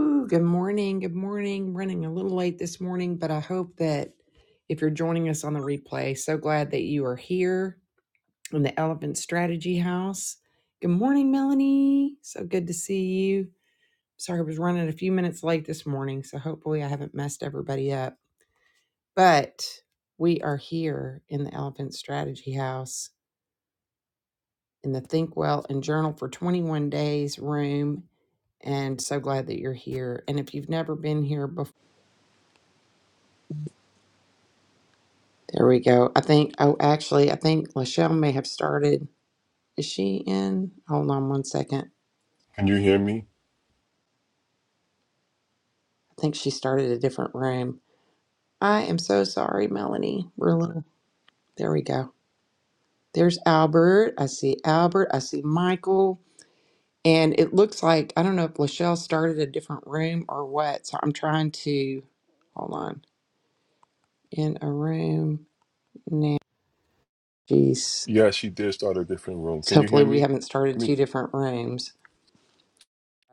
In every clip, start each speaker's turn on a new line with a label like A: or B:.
A: Ooh, good morning. Good morning. Running a little late this morning, but I hope that if you're joining us on the replay, so glad that you are here in the Elephant Strategy House. Good morning, Melanie. So good to see you. Sorry, I was running a few minutes late this morning, so hopefully I haven't messed everybody up. But we are here in the Elephant Strategy House in the Think Well and Journal for 21 Days room and so glad that you're here. And if you've never been here before, There we go. I think, oh, actually, I think Lachelle may have started. Is she in? Hold on one second.
B: Can you hear me?
A: I think she started a different room. I am so sorry, Melanie. We're a little, there we go. There's Albert. I see Albert. I see Michael. And it looks like, I don't know if Lachelle started a different room or what. So I'm trying to, hold on, in a room now. Jeez.
B: Yeah, she did start a different room. Can
A: So
B: you hear
A: hopefully we
B: me?
A: haven't started two different rooms.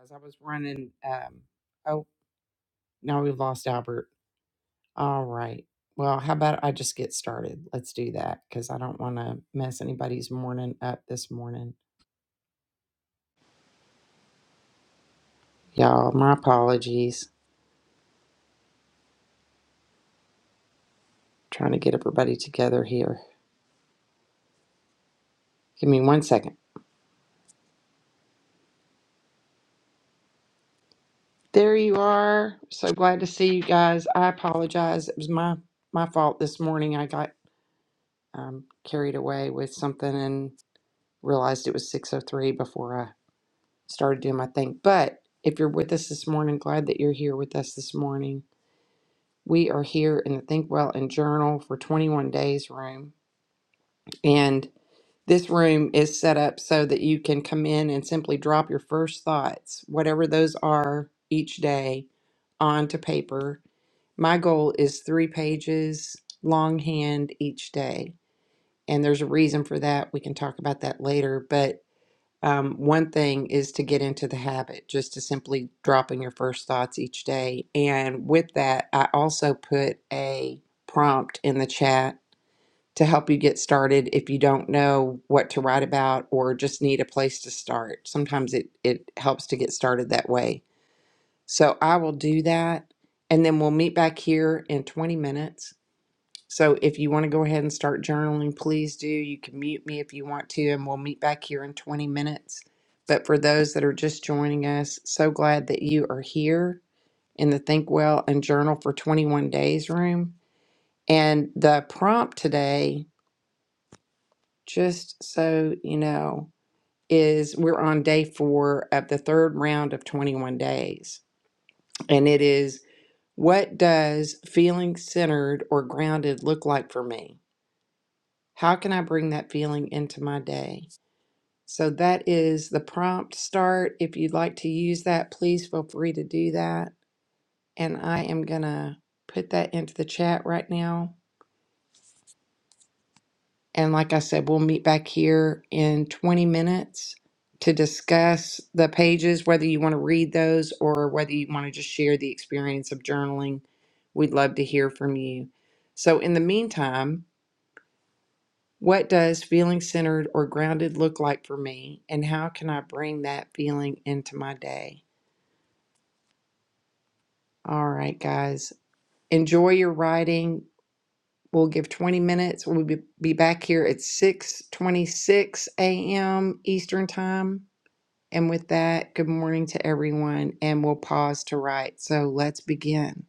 A: As I was running, um, oh, Now we've lost Albert. All right. Well, how about I just get started? Let's do that because I don't want to mess anybody's morning up this morning. Y'all, my apologies. Trying to get everybody together here. Give me one second. There you are. So glad to see you guys. I apologize. It was my my fault this morning. I got um, carried away with something and realized it was 6:03 before I started doing my thing. But if you're with us this morning, glad that you're here with us this morning. We are here in the Think Well and Journal for 21 Days room. And this room is set up so that you can come in and simply drop your first thoughts, whatever those are each day, onto paper. My goal is three pages longhand each day. And there's a reason for that. We can talk about that later. But um, one thing is to get into the habit, just to simply dropping your first thoughts each day. And with that, I also put a prompt in the chat to help you get started if you don't know what to write about or just need a place to start. Sometimes it, it helps to get started that way. So I will do that. And then we'll meet back here in 20 minutes so if you want to go ahead and start journaling, please do. You can mute me if you want to, and we'll meet back here in 20 minutes. But for those that are just joining us, so glad that you are here in the Think Well and Journal for 21 Days room. And the prompt today, just so you know, is we're on day four of the third round of 21 days. And it is what does feeling centered or grounded look like for me? How can I bring that feeling into my day? So that is the prompt start. If you'd like to use that, please feel free to do that. And I am going to put that into the chat right now. And like I said, we'll meet back here in 20 minutes to discuss the pages, whether you want to read those or whether you want to just share the experience of journaling. We'd love to hear from you. So in the meantime, What does feeling centered or grounded look like for me, and how can I bring that feeling into my day? All right, guys, enjoy your writing. We'll give 20 minutes. We'll be, be back here at 6:26 a.m. Eastern Time. And with that, good morning to everyone, and we'll pause to write. So let's begin.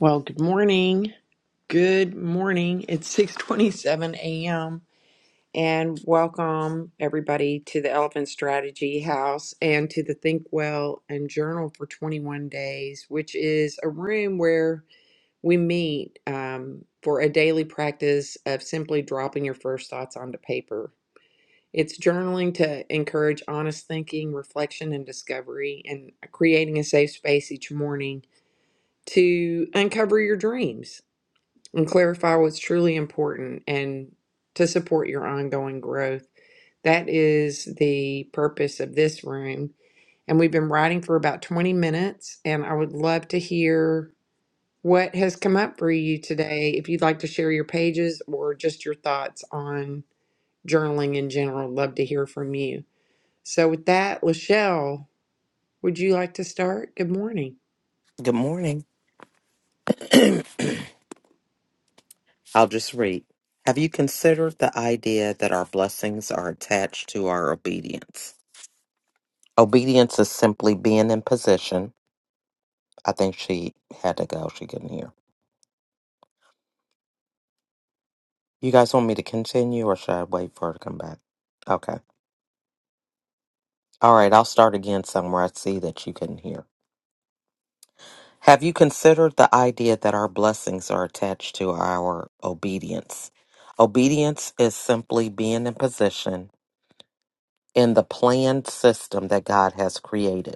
A: Well, good morning. Good morning. It's 6:27 a.m. and welcome everybody to the Elephant Strategy House and to the Think Well and Journal for 21 Days, which is a room where we meet um, for a daily practice of simply dropping your first thoughts onto paper. It's journaling to encourage honest thinking, reflection, and discovery, and creating a safe space each morning to uncover your dreams and clarify what's truly important and to support your ongoing growth. That is the purpose of this room. And we've been writing for about 20 minutes, and I would love to hear what has come up for you today. If you'd like to share your pages or just your thoughts on journaling in general, love to hear from you. So, with that, Lachelle, would you like to start? Good morning.
C: Good morning. I'll just read. Have you considered the idea that our blessings are attached to our obedience? Obedience is simply being in position. I think she had to go. She couldn't hear. You guys want me to continue or should I wait for her to come back? Okay. All right. I'll start again somewhere. I see that you couldn't hear. Have you considered the idea that our blessings are attached to our obedience? Obedience is simply being in position in the planned system that God has created.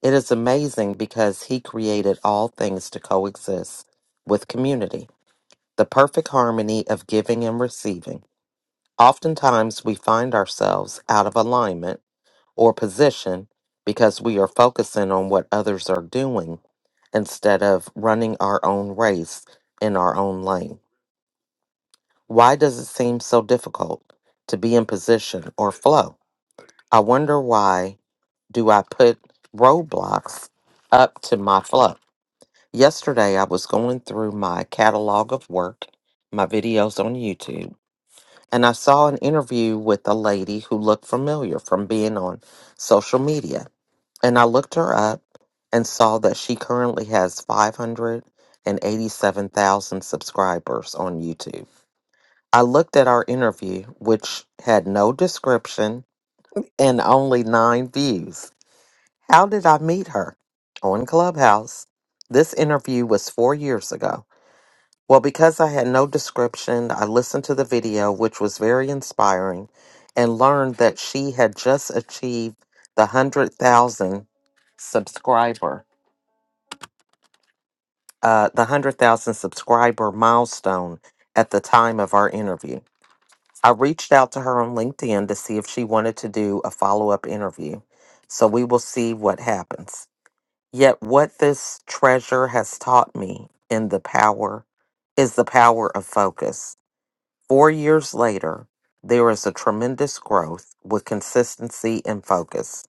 C: It is amazing because he created all things to coexist with community, the perfect harmony of giving and receiving. Oftentimes, we find ourselves out of alignment or position because we are focusing on what others are doing instead of running our own race in our own lane. Why does it seem so difficult to be in position or flow? I wonder why do I put roadblocks up to my flow? Yesterday, I was going through my catalog of work, my videos on YouTube, and I saw an interview with a lady who looked familiar from being on social media. And I looked her up and saw that she currently has 587,000 subscribers on YouTube. I looked at our interview, which had no description and only nine views. How did I meet her? On Clubhouse. This interview was four years ago. Well, because I had no description, I listened to the video, which was very inspiring, and learned that she had just achieved the 100,000 subscriber, uh, the 100,000 subscriber milestone at the time of our interview. I reached out to her on LinkedIn to see if she wanted to do a follow up interview. So we will see what happens. Yet, what this treasure has taught me in the power is the power of focus. Four years later, there is a tremendous growth with consistency and focus.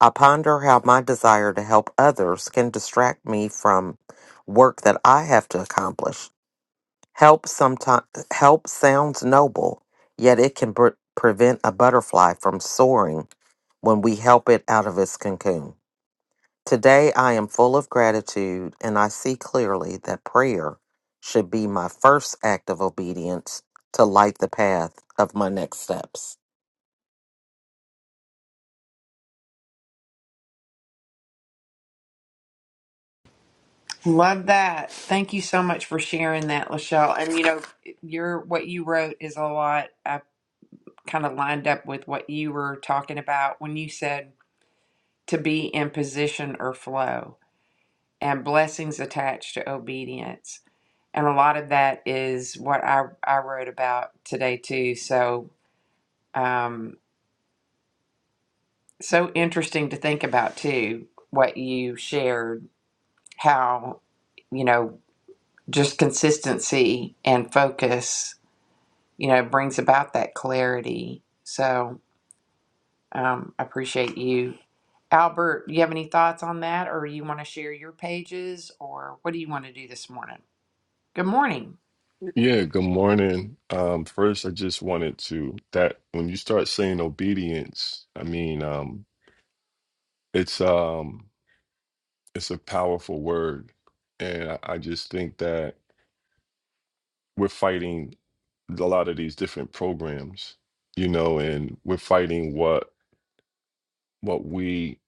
C: I ponder how my desire to help others can distract me from work that I have to accomplish. Help sometimes help sounds noble, yet it can pre- prevent a butterfly from soaring when we help it out of its cocoon. Today I am full of gratitude and I see clearly that prayer should be my first act of obedience to light the path of my next steps.
A: Love that. Thank you so much for sharing that, Lachelle. And you know, your what you wrote is a lot I kind of lined up with what you were talking about when you said to be in position or flow and blessings attached to obedience. And a lot of that is what I, I wrote about today too. So um, so interesting to think about too, what you shared, how, you know, just consistency and focus, you know, brings about that clarity. So um, I appreciate you. Albert, you have any thoughts on that or you want to share your pages or what do you want to do this morning? Good morning.
B: Yeah, good morning. Um, first, I just wanted to that when you start saying obedience, I mean, um, it's um, it's a powerful word, and I, I just think that we're fighting a lot of these different programs, you know, and we're fighting what what we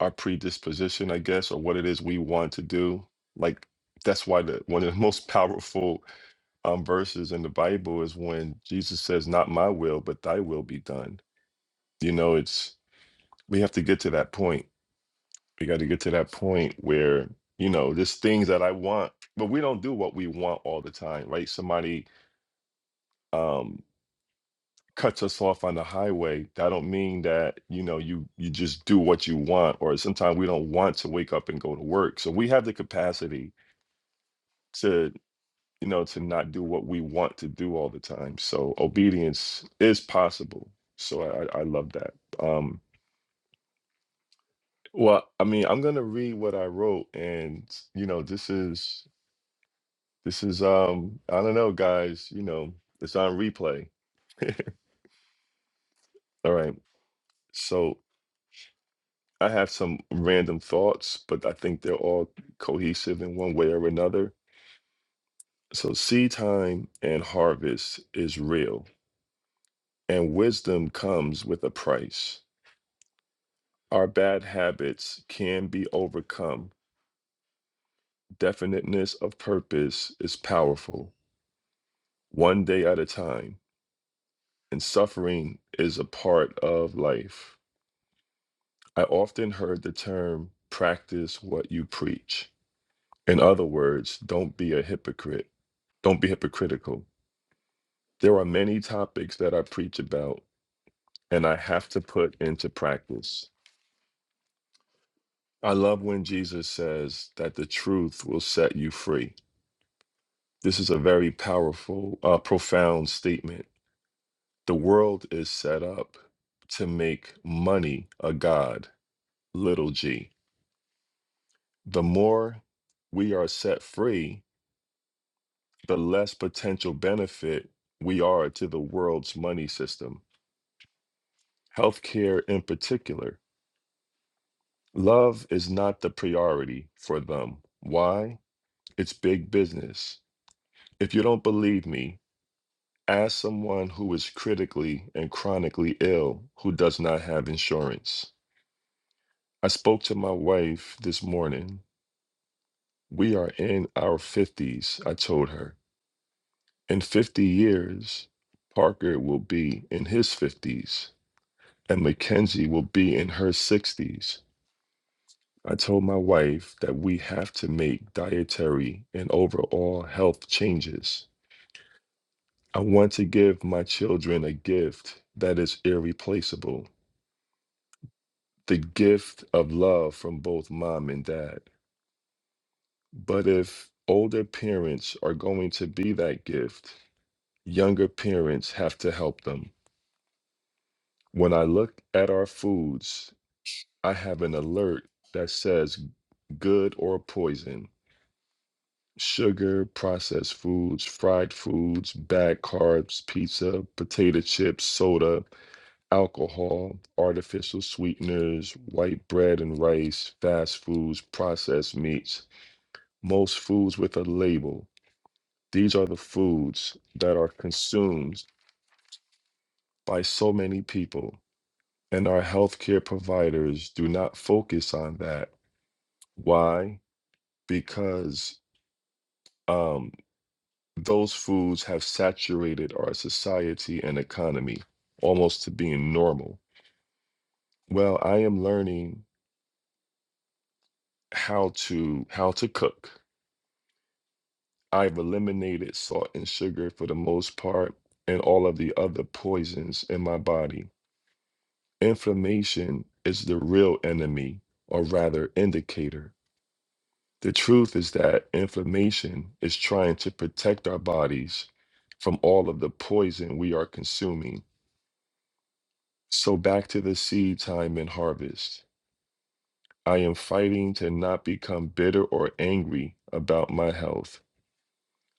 B: our predisposition, I guess, or what it is we want to do. Like that's why the one of the most powerful um, verses in the Bible is when Jesus says, Not my will, but thy will be done. You know, it's, we have to get to that point. We got to get to that point where, you know, there's things that I want, but we don't do what we want all the time, right? Somebody, um, cuts us off on the highway that don't mean that you know you you just do what you want or sometimes we don't want to wake up and go to work so we have the capacity to. you know, to not do what we want to do all the time. So obedience is possible. So I, I I love that. Um, well, I mean, I'm gonna read what I wrote, and you know, this is this is um, I don't know, guys. You know, it's on replay. All right. So I have some random thoughts, but I think they're all cohesive in one way or another. So seed time and harvest is real, and wisdom comes with a price. Our bad habits can be overcome. Definiteness of purpose is powerful, one day at a time, and suffering is a part of life. I often heard the term practice what you preach. In other words, don't be a hypocrite, don't be hypocritical. There are many topics that I preach about and I have to put into practice. I love when Jesus says that the truth will set you free. This is a very powerful, uh, profound statement. The world is set up to make money a god, little g. The more we are set free, the less potential benefit we are to the world's money system. Healthcare, in particular, love is not the priority for them. Why? It's big business. If you don't believe me, As someone who is critically and chronically ill who does not have insurance, I spoke to my wife this morning. We are in our 50s, I told her. In 50 years, Parker will be in his 50s and Mackenzie will be in her 60s. I told my wife that we have to make dietary and overall health changes. I want to give my children a gift that is irreplaceable. the gift of love from both mom and dad. But if older parents are going to be that gift, younger parents have to help them. When I look at our foods, I have an alert that says good or poison. Sugar, processed foods, fried foods, bad carbs, pizza, potato chips, soda, alcohol, artificial sweeteners, white bread and rice, fast foods, processed meats most foods with a label. These are the foods that are consumed by so many people, and our healthcare providers do not focus on that. Why? Because um, those foods have saturated our society and economy almost to being normal. Well, I am learning how to how to cook. I've eliminated salt and sugar for the most part and all of the other poisons in my body. Inflammation is the real enemy, or rather, indicator. The truth is that inflammation is trying to protect our bodies from all of the poison we are consuming. So, back to the seed time and harvest. I am fighting to not become bitter or angry about my health.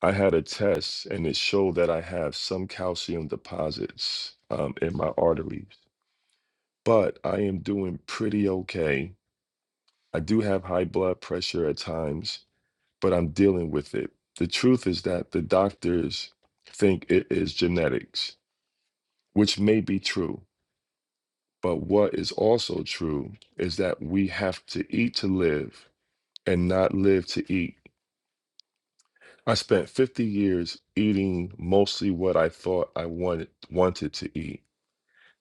B: I had a test and it showed that I have some calcium deposits um, in my arteries, but I am doing pretty okay I do have high blood pressure at times, but I'm dealing with it. The truth is that the doctors think it is genetics, which may be true. But what is also true is that we have to eat to live and not live to eat. I spent 50 years eating mostly what I thought I wanted wanted to eat.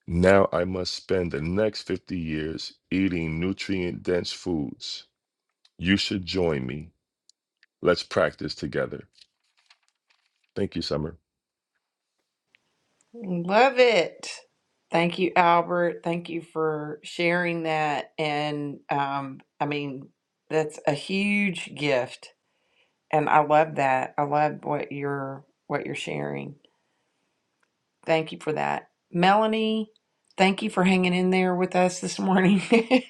B: Now I must spend the next 50 years eating nutrient dense foods. You should join me. Let's practice together. Thank you, Summer.
A: Love it. Thank you, Albert. Thank you for sharing that. And um, I mean, that's a huge gift. And I love that. I love what you're what you're sharing. Thank you for that. Melanie, thank you for hanging in there with us this morning.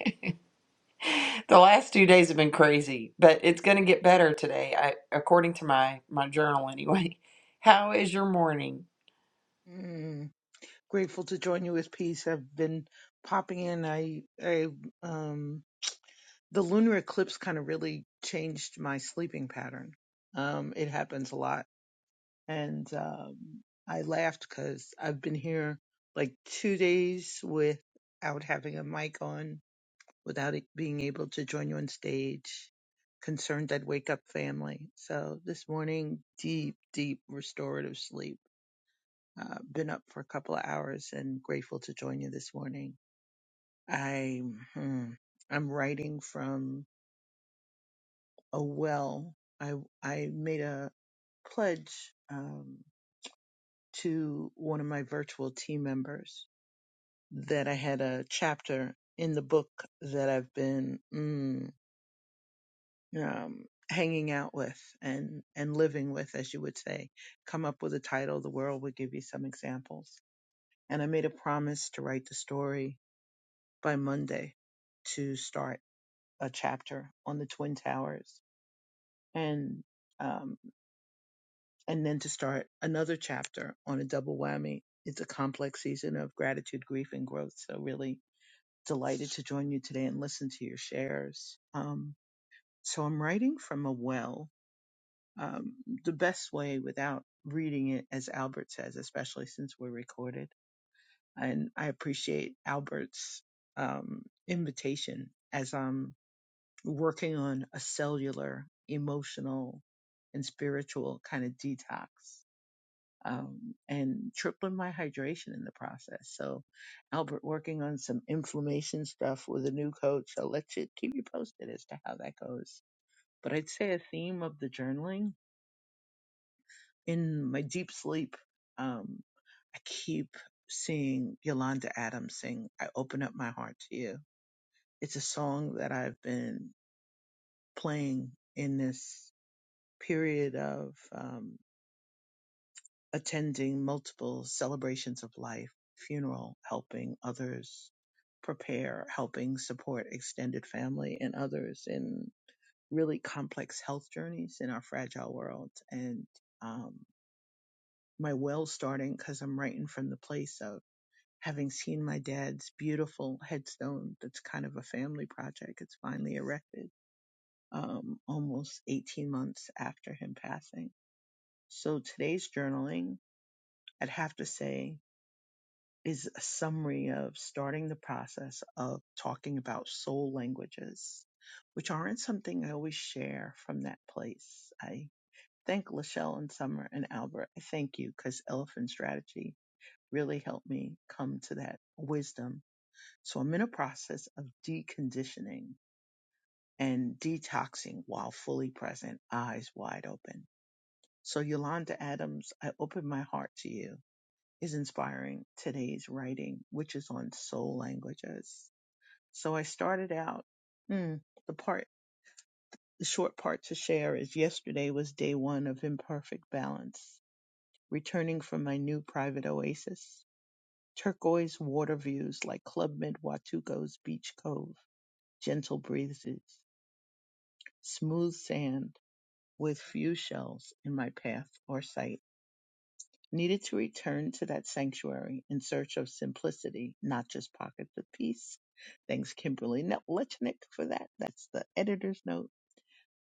A: the last two days have been crazy, but it's going to get better today, I, according to my my journal anyway. How is your morning?
D: Mm, grateful to join you with peace. I've been popping in. I, I, um, the lunar eclipse kind of really changed my sleeping pattern. Um, it happens a lot, and um, I laughed because I've been here like two days without having a mic on, without it being able to join you on stage. Concerned I'd wake up family. So this morning, deep, deep restorative sleep uh, been up for a couple of hours and grateful to join you this morning. I hmm, I'm writing from a well. I I made a pledge um, to one of my virtual team members that I had a chapter in the book that I've been mm, um, hanging out with and and living with, as you would say. Come up with a title. The world would give you some examples. And I made a promise to write the story by Monday to start a chapter on the Twin Towers and um, and then to start another chapter on a double whammy. It's a complex season of gratitude, grief, and growth. So really delighted to join you today and listen to your shares. Um, so I'm writing from a well. Um, the best way without reading it, as Albert says, especially since we're recorded. And I appreciate Albert's um, invitation as I'm working on a cellular, emotional, and spiritual kind of detox um, and tripling my hydration in the process. So, Albert, working on some inflammation stuff with a new coach. I'll let you keep you posted as to how that goes. But I'd say a theme of the journaling in my deep sleep, um, I keep seeing Yolanda Adams sing, I open up my heart to you. It's a song that I've been playing in this. period of um, attending multiple celebrations of life, funeral, helping others prepare, helping support extended family and others in really complex health journeys in our fragile world. And um, my well starting because I'm writing from the place of having seen my dad's beautiful headstone that's kind of a family project. It's finally erected um, almost 18 months after him passing. So today's journaling I'd have to say is a summary of starting the process of talking about soul languages, which aren't something I always share from that place. I thank Lachelle and Summer and Albert. I thank you because Elephant Strategy really helped me come to that wisdom. So I'm in a process of deconditioning and detoxing while fully present, eyes wide open. So Yolanda Adams, I open my heart to you is inspiring today's writing, which is on soul languages. So I started out, hmm, the part, the short part to share is yesterday was day one of imperfect balance, returning from my new private oasis, turquoise water views like Club Med Watugo's beach cove, gentle breezes, smooth sand with few shells in my path or sight needed to return to that sanctuary in search of simplicity, not just pockets of peace. Thanks, Kimberly No- Lechnick, for that. That's the editor's note.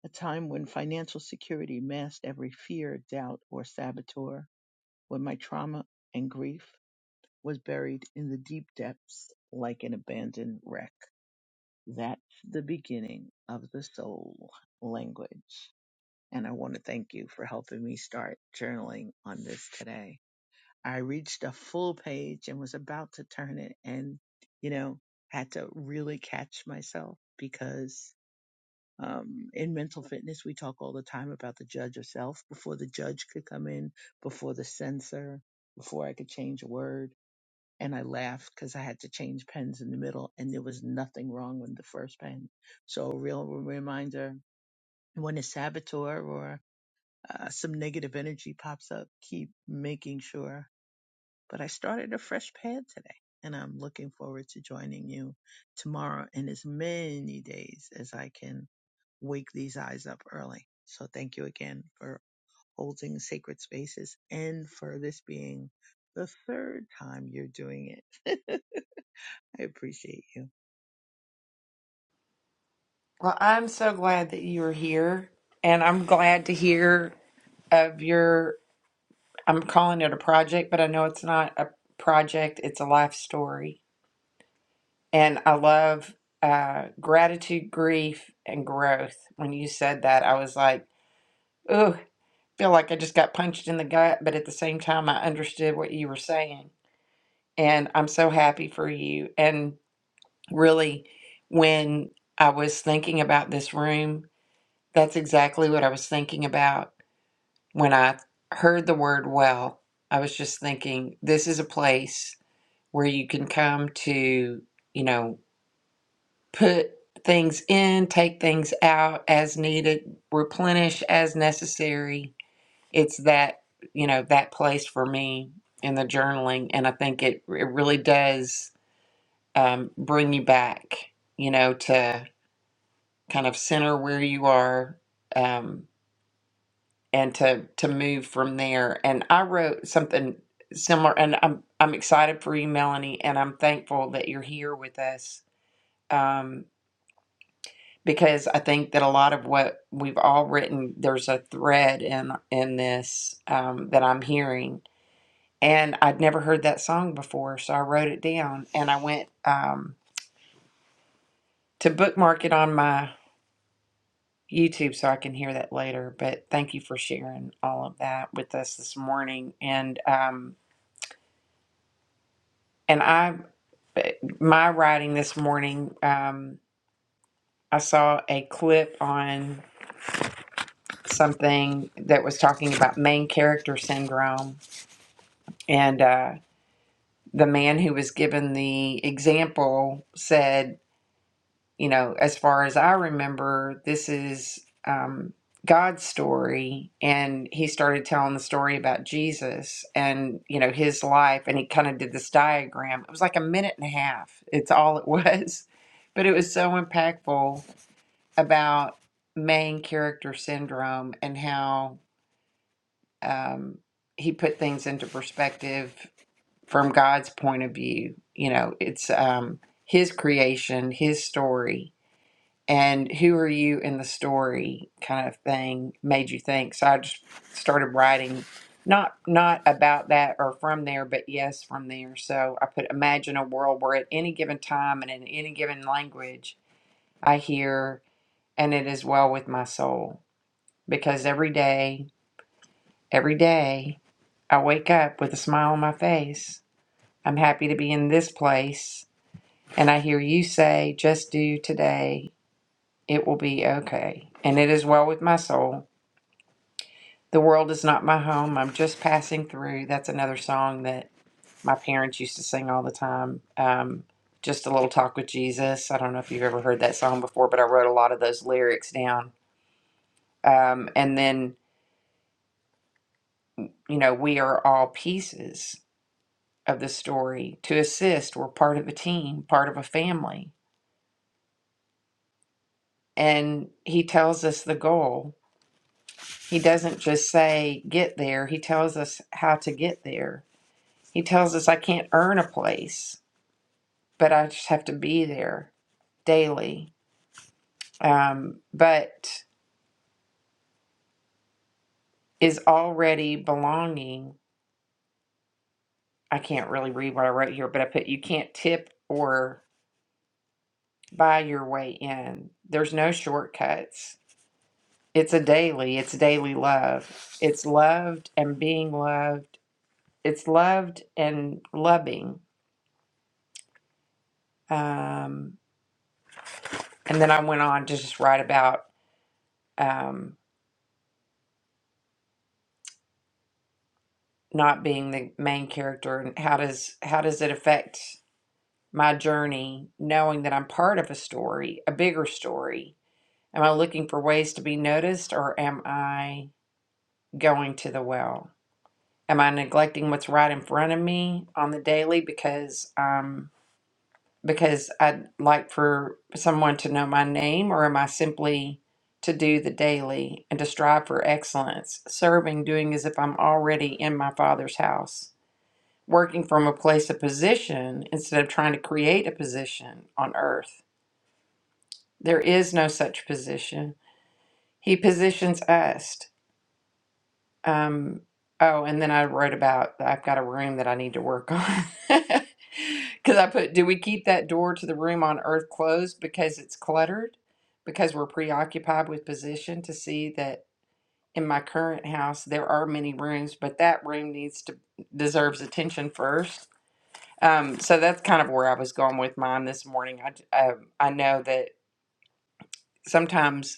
D: A time when financial security masked every fear, doubt, or saboteur, when my trauma and grief was buried in the deep depths like an abandoned wreck. That's the beginning of the soul language. And I want to thank you for helping me start journaling on this today. I reached a full page and was about to turn it and, you know, had to really catch myself because um, in mental fitness, we talk all the time about the judge of self before the judge could come in, before the censor, before I could change a word. And I laughed because I had to change pens in the middle and there was nothing wrong with the first pen. So a real reminder when a saboteur or uh, some negative energy pops up, keep making sure but I started a fresh pad today and I'm looking forward to joining you tomorrow and as many days as I can wake these eyes up early. So thank you again for holding sacred spaces and for this being the third time you're doing it. I appreciate you.
A: Well, I'm so glad that you're here, and I'm glad to hear of your. I'm calling it a project, but I know it's not a project, it's a life story. And I love uh, gratitude, grief, and growth. When you said that, I was like, ooh, feel like I just got punched in the gut, but at the same time, I understood what you were saying. And I'm so happy for you. And really, when I was thinking about this room, that's exactly what I was thinking about when I heard the word well, I was just thinking this is a place where you can come to, you know, put things in, take things out as needed, replenish as necessary. It's that, you know, that place for me in the journaling. And I think it, it really does um, bring you back, you know, to kind of center where you are. Um, and to to move from there. And I wrote something similar, and I'm I'm excited for you, Melanie, and I'm thankful that you're here with us um, because I think that a lot of what we've all written, there's a thread in in this um, that I'm hearing, and I'd never heard that song before, so I wrote it down and I went um, to bookmark it on my. YouTube, so I can hear that later. But thank you for sharing all of that with us this morning. And um, And I, my writing this morning, um, I saw a clip on something that was talking about main character syndrome. And uh, the man who was given the example said, you know, as far as I remember, this is um, God's story. And he started telling the story about Jesus and, you know, his life. And he kind of did this diagram. It was like a minute and a half, it's all it was. But it was so impactful about main character syndrome and how um, he put things into perspective from God's point of view. You know, it's um, his creation, his story and who are you in the story kind of thing made you think so i just started writing not not about that or from there but yes from there so i put imagine a world where at any given time and in any given language i hear and it is well with my soul because every day every day i wake up with a smile on my face i'm happy to be in this place and i hear you say just do today it will be okay and it is well with my soul The world is not my home. I'm just passing through. That's another song that my parents used to sing all the time. Um, just a little talk with Jesus. I don't know if you've ever heard that song before, but I wrote a lot of those lyrics down. Um, and then, you know, we are all pieces of the story to assist. We're part of a team, part of a family. And he tells us the goal. He doesn't just say, get there, he tells us how to get there. He tells us, I can't earn a place. but I just have to be there daily. Um, but is already belonging. I can't really read what I wrote here, but I put you can't tip or buy your way in. There's no shortcuts. It's a daily, it's daily love. It's loved and being loved. It's loved and loving. Um, and then I went on to just write about um, not being the main character and how does how does it affect my journey, knowing that I'm part of a story, a bigger story? Am I looking for ways to be noticed or am I going to the well? Am I neglecting what's right in front of me on the daily because um because I'd like for someone to know my name or am I simply to do the daily and to strive for excellence, serving, doing as if I'm already in my father's house, working from a place of position instead of trying to create a position on earth? There is no such position. He positions us. Um, oh, and then I wrote about I've got a room that I need to work on. Because I put, do we keep that door to the room on earth closed because it's cluttered? Because we're preoccupied with position to see that in my current house there are many rooms, but that room needs to deserves attention first. Um, so that's kind of where I was going with mine this morning. I, j- um, I know that sometimes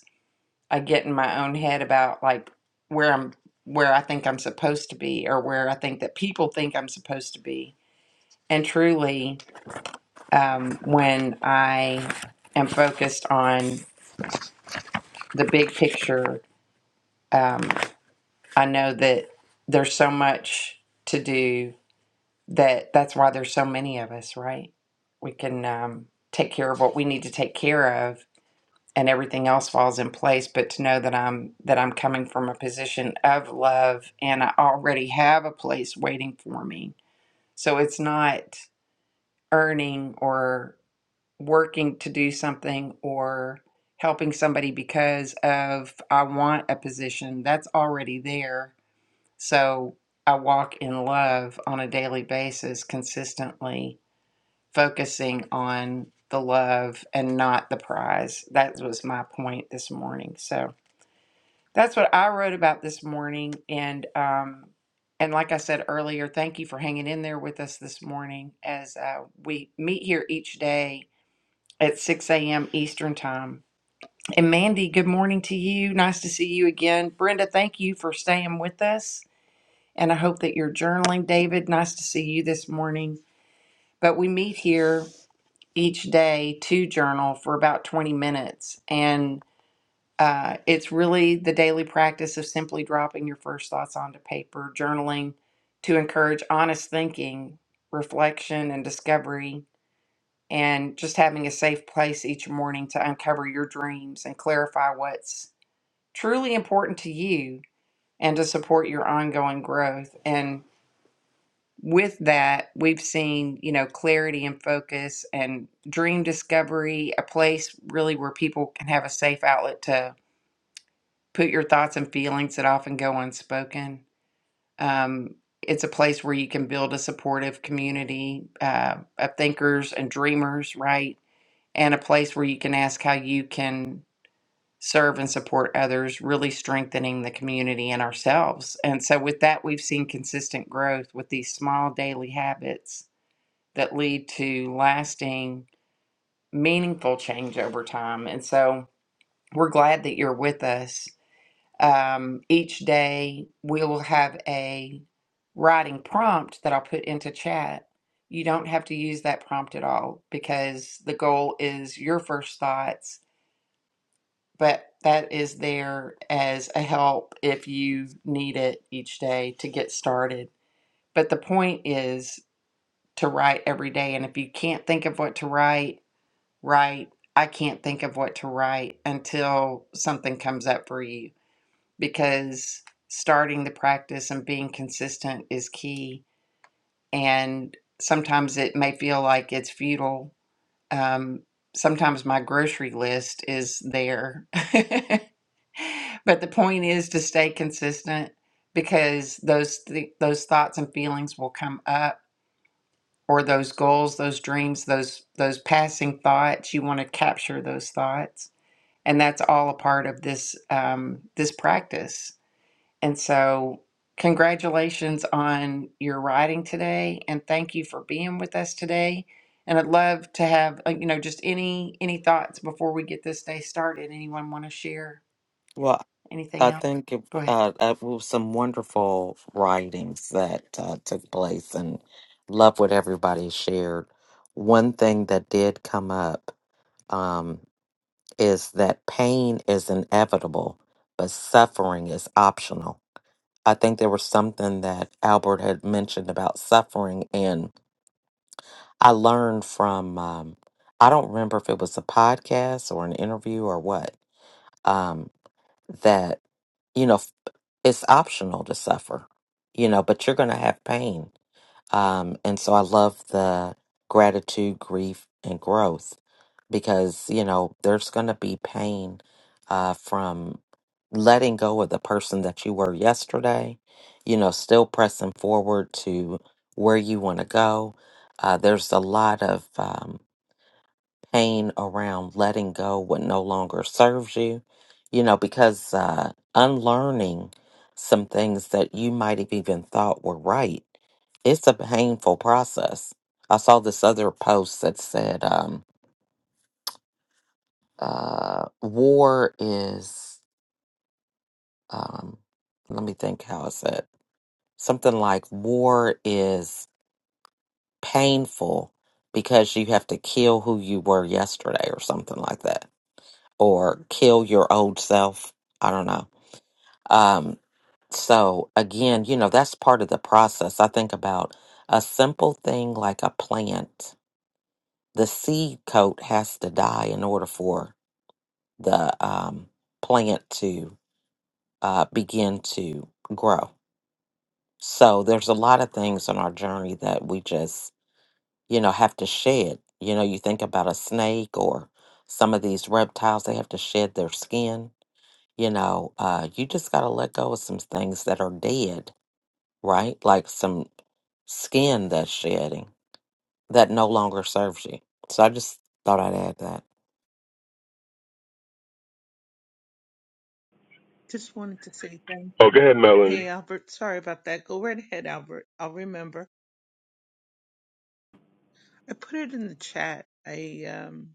A: I get in my own head about like where I'm where I think I'm supposed to be or where I think that people think I'm supposed to be. And truly, um, when I am focused on the big picture, um, I know that there's so much to do that that's why there's so many of us, right? We can um, take care of what we need to take care of and everything else falls in place but to know that i'm that i'm coming from a position of love and i already have a place waiting for me so it's not earning or working to do something or helping somebody because of i want a position that's already there so i walk in love on a daily basis consistently focusing on the love and not the prize that was my point this morning so that's what I wrote about this morning, and um, and like I said earlier, thank you for hanging in there with us this morning as uh, we meet here each day at 6 a.m. Eastern time. And Mandy, good morning to you. Nice to see you again. Brenda, thank you for staying with us, and I hope that you're journaling. David, nice to see you this morning. But we meet here each day to journal for about 20 minutes, and. Uh, it's really the daily practice of simply dropping your first thoughts onto paper, journaling to encourage honest thinking, reflection, and discovery, and just having a safe place each morning to uncover your dreams and clarify what's truly important to you and to support your ongoing growth. And with that, we've seen, you know, clarity and focus and dream discovery, a place really where people can have a safe outlet to. put your thoughts and feelings that often go unspoken. Um, it's a place where you can build a supportive community uh, of thinkers and dreamers, right? And a place where you can ask how you can serve and support others, really strengthening the community and ourselves. And so, with that, we've seen consistent growth with these small daily habits that lead to lasting, meaningful change over time. And so, we're glad that you're with us. Um, each day we will have a writing prompt that I'll put into chat. You don't have to use that prompt at all because the goal is your first thoughts, but that is there as a help if you need it each day to get started. But the point is to write every day. And if you can't think of what to write, write. I can't think of what to write until something comes up for you because starting the practice and being consistent is key. And sometimes it may feel like it's futile. Um, sometimes my grocery list is there. but the point is to stay consistent because those th- those thoughts and feelings will come up or those goals, those dreams, those those passing thoughts, you want to capture those thoughts. And that's all a part of this um, this practice And so, congratulations on your writing today, and thank you for being with us today. And I'd love to have uh, you know just any any thoughts before we get this day started. Anyone want to share
C: Well,
A: anything
C: I
A: else?
C: think it,
A: Go ahead.
C: uh, it was some wonderful writings that uh, took place and love what everybody shared. One thing that did come up um, is that pain is inevitable, but suffering is optional. I think there was something that Albert had mentioned about suffering, and I learned from um, I don't remember if it was a podcast or an interview or what um, that you know f- it's optional to suffer, you know, but you're going to have pain, um, and so I love the gratitude, grief, and growth because you know there's going to be pain uh, from letting go of the person that you were yesterday you know still pressing forward to where you want to go uh, there's a lot of um, pain around letting go what no longer serves you you know because uh, unlearning some things that you might have even thought were right it's a painful process i saw this other post that said um, uh, war is, um, let me think how how is said Something like war is painful because you have to kill who you were yesterday or something like that, or kill your old self. I don't know. Um, so again, you know, that's part of the process. I think about a simple thing like a plant. The seed coat has to die in order for the um, plant to. uh, begin to grow. So there's a lot of things on our journey that we just, you know, have to shed. You know, you think about a snake or some of these reptiles, they have to shed their skin. You know, uh, you just got to let go of some things that are dead, right? Like some skin that's shedding that no longer serves you. So I just thought I'd add that.
D: Just wanted to say thank
B: Oh, go ahead, Melanie.
D: Hey Albert, sorry about that. Go right ahead, Albert. I'll remember. I put it in the chat. I um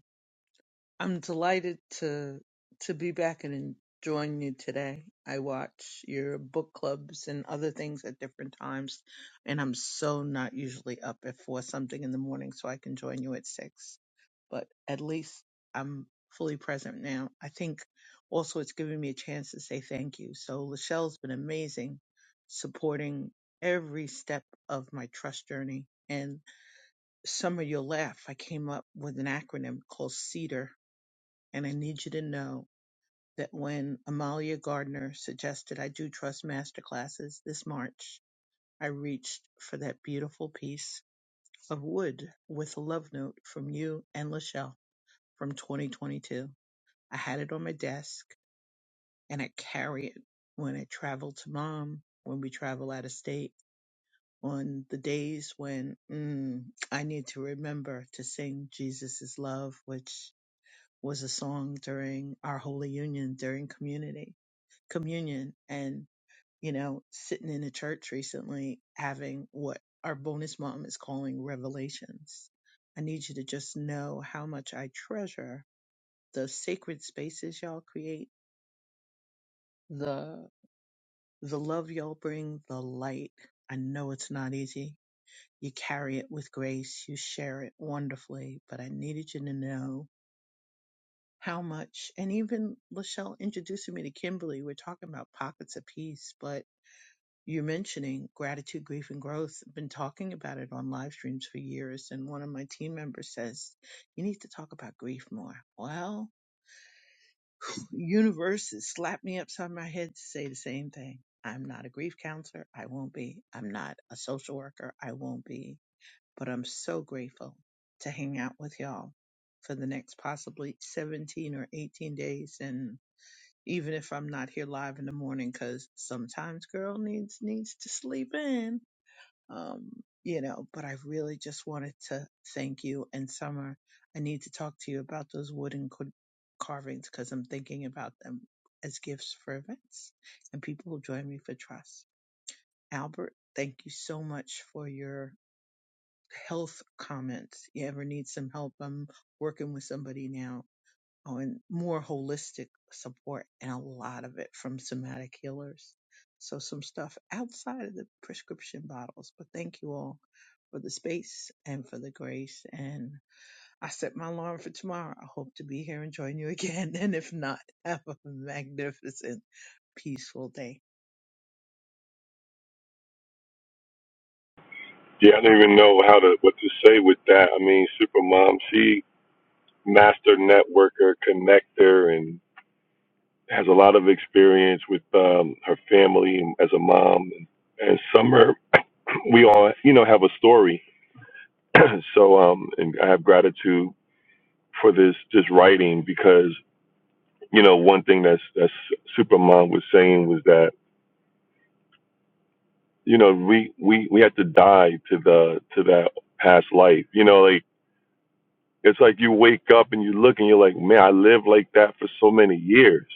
D: I'm delighted to to be back and join you today. I watch your book clubs and other things at different times, and I'm so not usually up at four something in the morning, so I can join you at six. But at least I'm fully present now. I think also it's giving me a chance to say thank you. So Lachelle's been amazing, supporting every step of my trust journey. And some of your laugh, I came up with an acronym called CEDAR and I need you to know that when Amalia Gardner suggested I do trust masterclasses this March, I reached for that beautiful piece of wood with a love note from you and Lachelle from 2022. I had it on my desk and I carry it when I travel to mom, when we travel out of state, on the days when mm, I need to remember to sing Jesus is Love, which was a song during our Holy Union during community communion and you know sitting in a church recently having what our bonus mom is calling revelations i need you to just know how much i treasure the sacred spaces y'all create the the love y'all bring the light i know it's not easy you carry it with grace you share it wonderfully but i needed you to know how much and even lachelle introducing me to kimberly we're talking about pockets of peace but you mentioning gratitude, grief, and growth. I've been talking about it on live streams for years, and one of my team members says, You need to talk about grief more. Well, universe has slapped me upside my head to say the same thing. I'm not a grief counselor. I won't be. I'm not a social worker. I won't be. But I'm so grateful to hang out with y'all for the next possibly 17 or 18 days. And even if I'm not here live in the morning, because sometimes girl needs needs to sleep in um, you know, but I really just wanted to thank you. And Summer, I need to talk to you about those wooden co- carvings because I'm thinking about them as gifts for events and people who join me for trust. Albert, thank you so much for your health comments. You ever need some help? I'm working with somebody now oh, and more holistic support and a lot of it from somatic healers. So some stuff outside of the prescription bottles. But thank you all for the space and for the grace. And I set my alarm for tomorrow. I hope to be here and join you again. And if not, have a magnificent, peaceful day.
B: Yeah, I don't even know how to what to say with that. I mean, Supermom, she master networker, connector, and has a lot of experience with um, her family and as a mom. And Summer, we all you know have a story, so um, and I have gratitude for this this writing because you know one thing that's that's Supermom was saying was that. you know we we we have to die to the to that past life you know like it's like you wake up and you look and you're like man i lived like that for so many years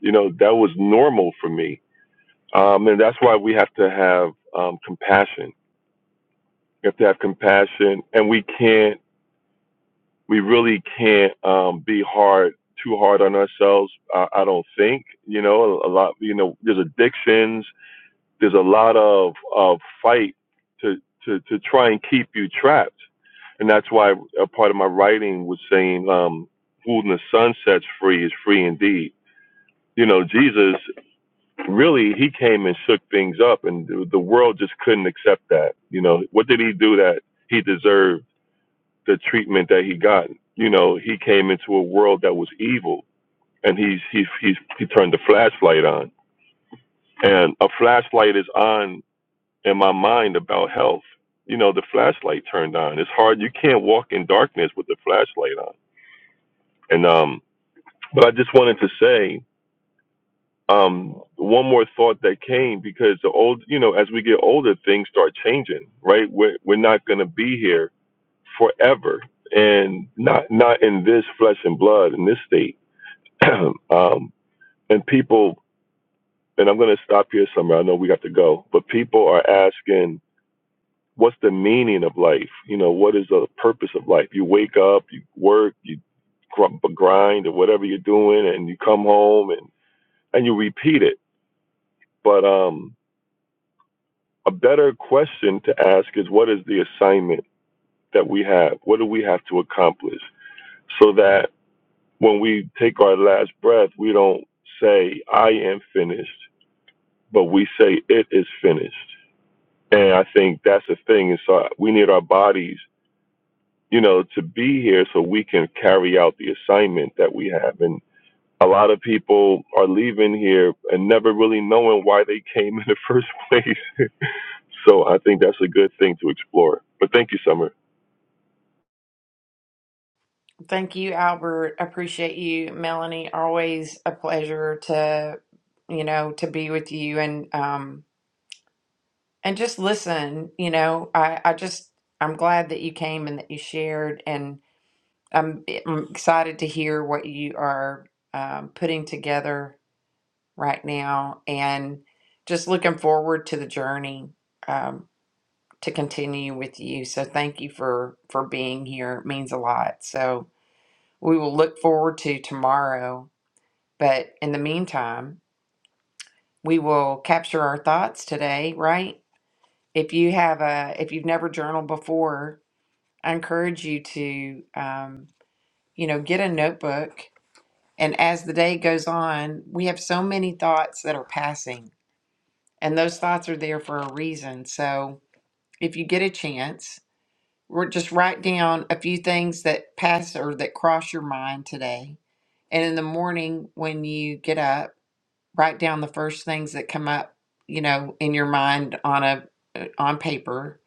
B: you know that was normal for me um and that's why we have to have um compassion we have to have compassion and we can't we really can't um be hard too hard on ourselves i, I don't think you know a, a lot you know there's addictions there's a lot of of fight to to to try and keep you trapped and that's why a part of my writing was saying, um, "Who the sun sets free is free indeed." You know, Jesus really he came and shook things up, and the world just couldn't accept that. You know, what did he do that he deserved the treatment that he got? You know, he came into a world that was evil, and he's he's he's he turned the flashlight on, and a flashlight is on in my mind about health. You know, the flashlight turned on. It's hard. You can't walk in darkness with the flashlight on. And um, But I just wanted to say um, one more thought that came because the old, you know, as we get older, things start changing, right? We're we're not going to be here forever, and not not in this flesh and blood in this state. um, and people, and I'm going to stop here somewhere. I know we got to go, but people are asking, what's the meaning of life? You know, what is the purpose of life? You wake up, you work, you gr- grind, or whatever you're doing, and you come home and and you repeat it But um, a better question to ask is what is the assignment that we have? What do we have to accomplish so that when we take our last breath, we don't say, I am finished, but we say, it is finished. And I think that's the thing. And so we need our bodies, you know, to be here so we can carry out the assignment that we have. And a lot of people are leaving here and never really knowing why they came in the first place. So I think that's a good thing to explore. But thank you, Summer.
A: Thank you, Albert. Appreciate you, Melanie. Always a pleasure to you know to be with you and um and just listen. You know, I I just I'm glad that you came and that you shared and. I'm, I'm excited to hear what you are um, putting together right now and just looking forward to the journey um, to continue with you. So thank you for, for being here. It means a lot. So we will look forward to tomorrow. But in the meantime, we will capture our thoughts today, right? If you have a, if you've never journaled before, I encourage you to, um, you know, get a notebook And as the day goes on, we have so many thoughts that are passing, and those thoughts are there for a reason. So if you get a chance, we're just write down a few things that pass or that cross your mind today. And in the morning, when you get up, write down the first things that come up, you know, in your mind on a uh, on paper,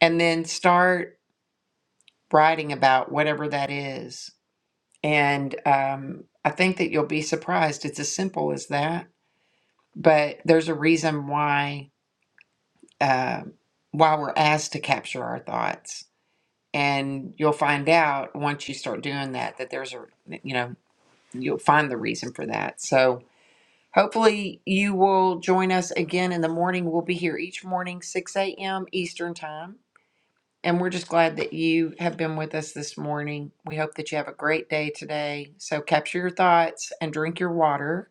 A: and then start writing about whatever that is. And um, I think that you'll be surprised. It's as simple as that but there's a reason why uh, why we're asked to capture our thoughts and you'll find out once you start doing that that there's a you know you'll find the reason for that so hopefully you will join us again in the morning we'll be here each morning 6 a.m eastern time and we're just glad that you have been with us this morning we hope that you have a great day today so capture your thoughts and drink your water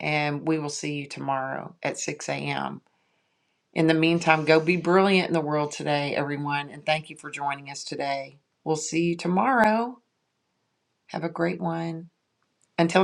A: and we will see you tomorrow at 6 a.m In the meantime, go be brilliant in the world today, everyone, and thank you for joining us today. We'll see you tomorrow. Have a great one. Until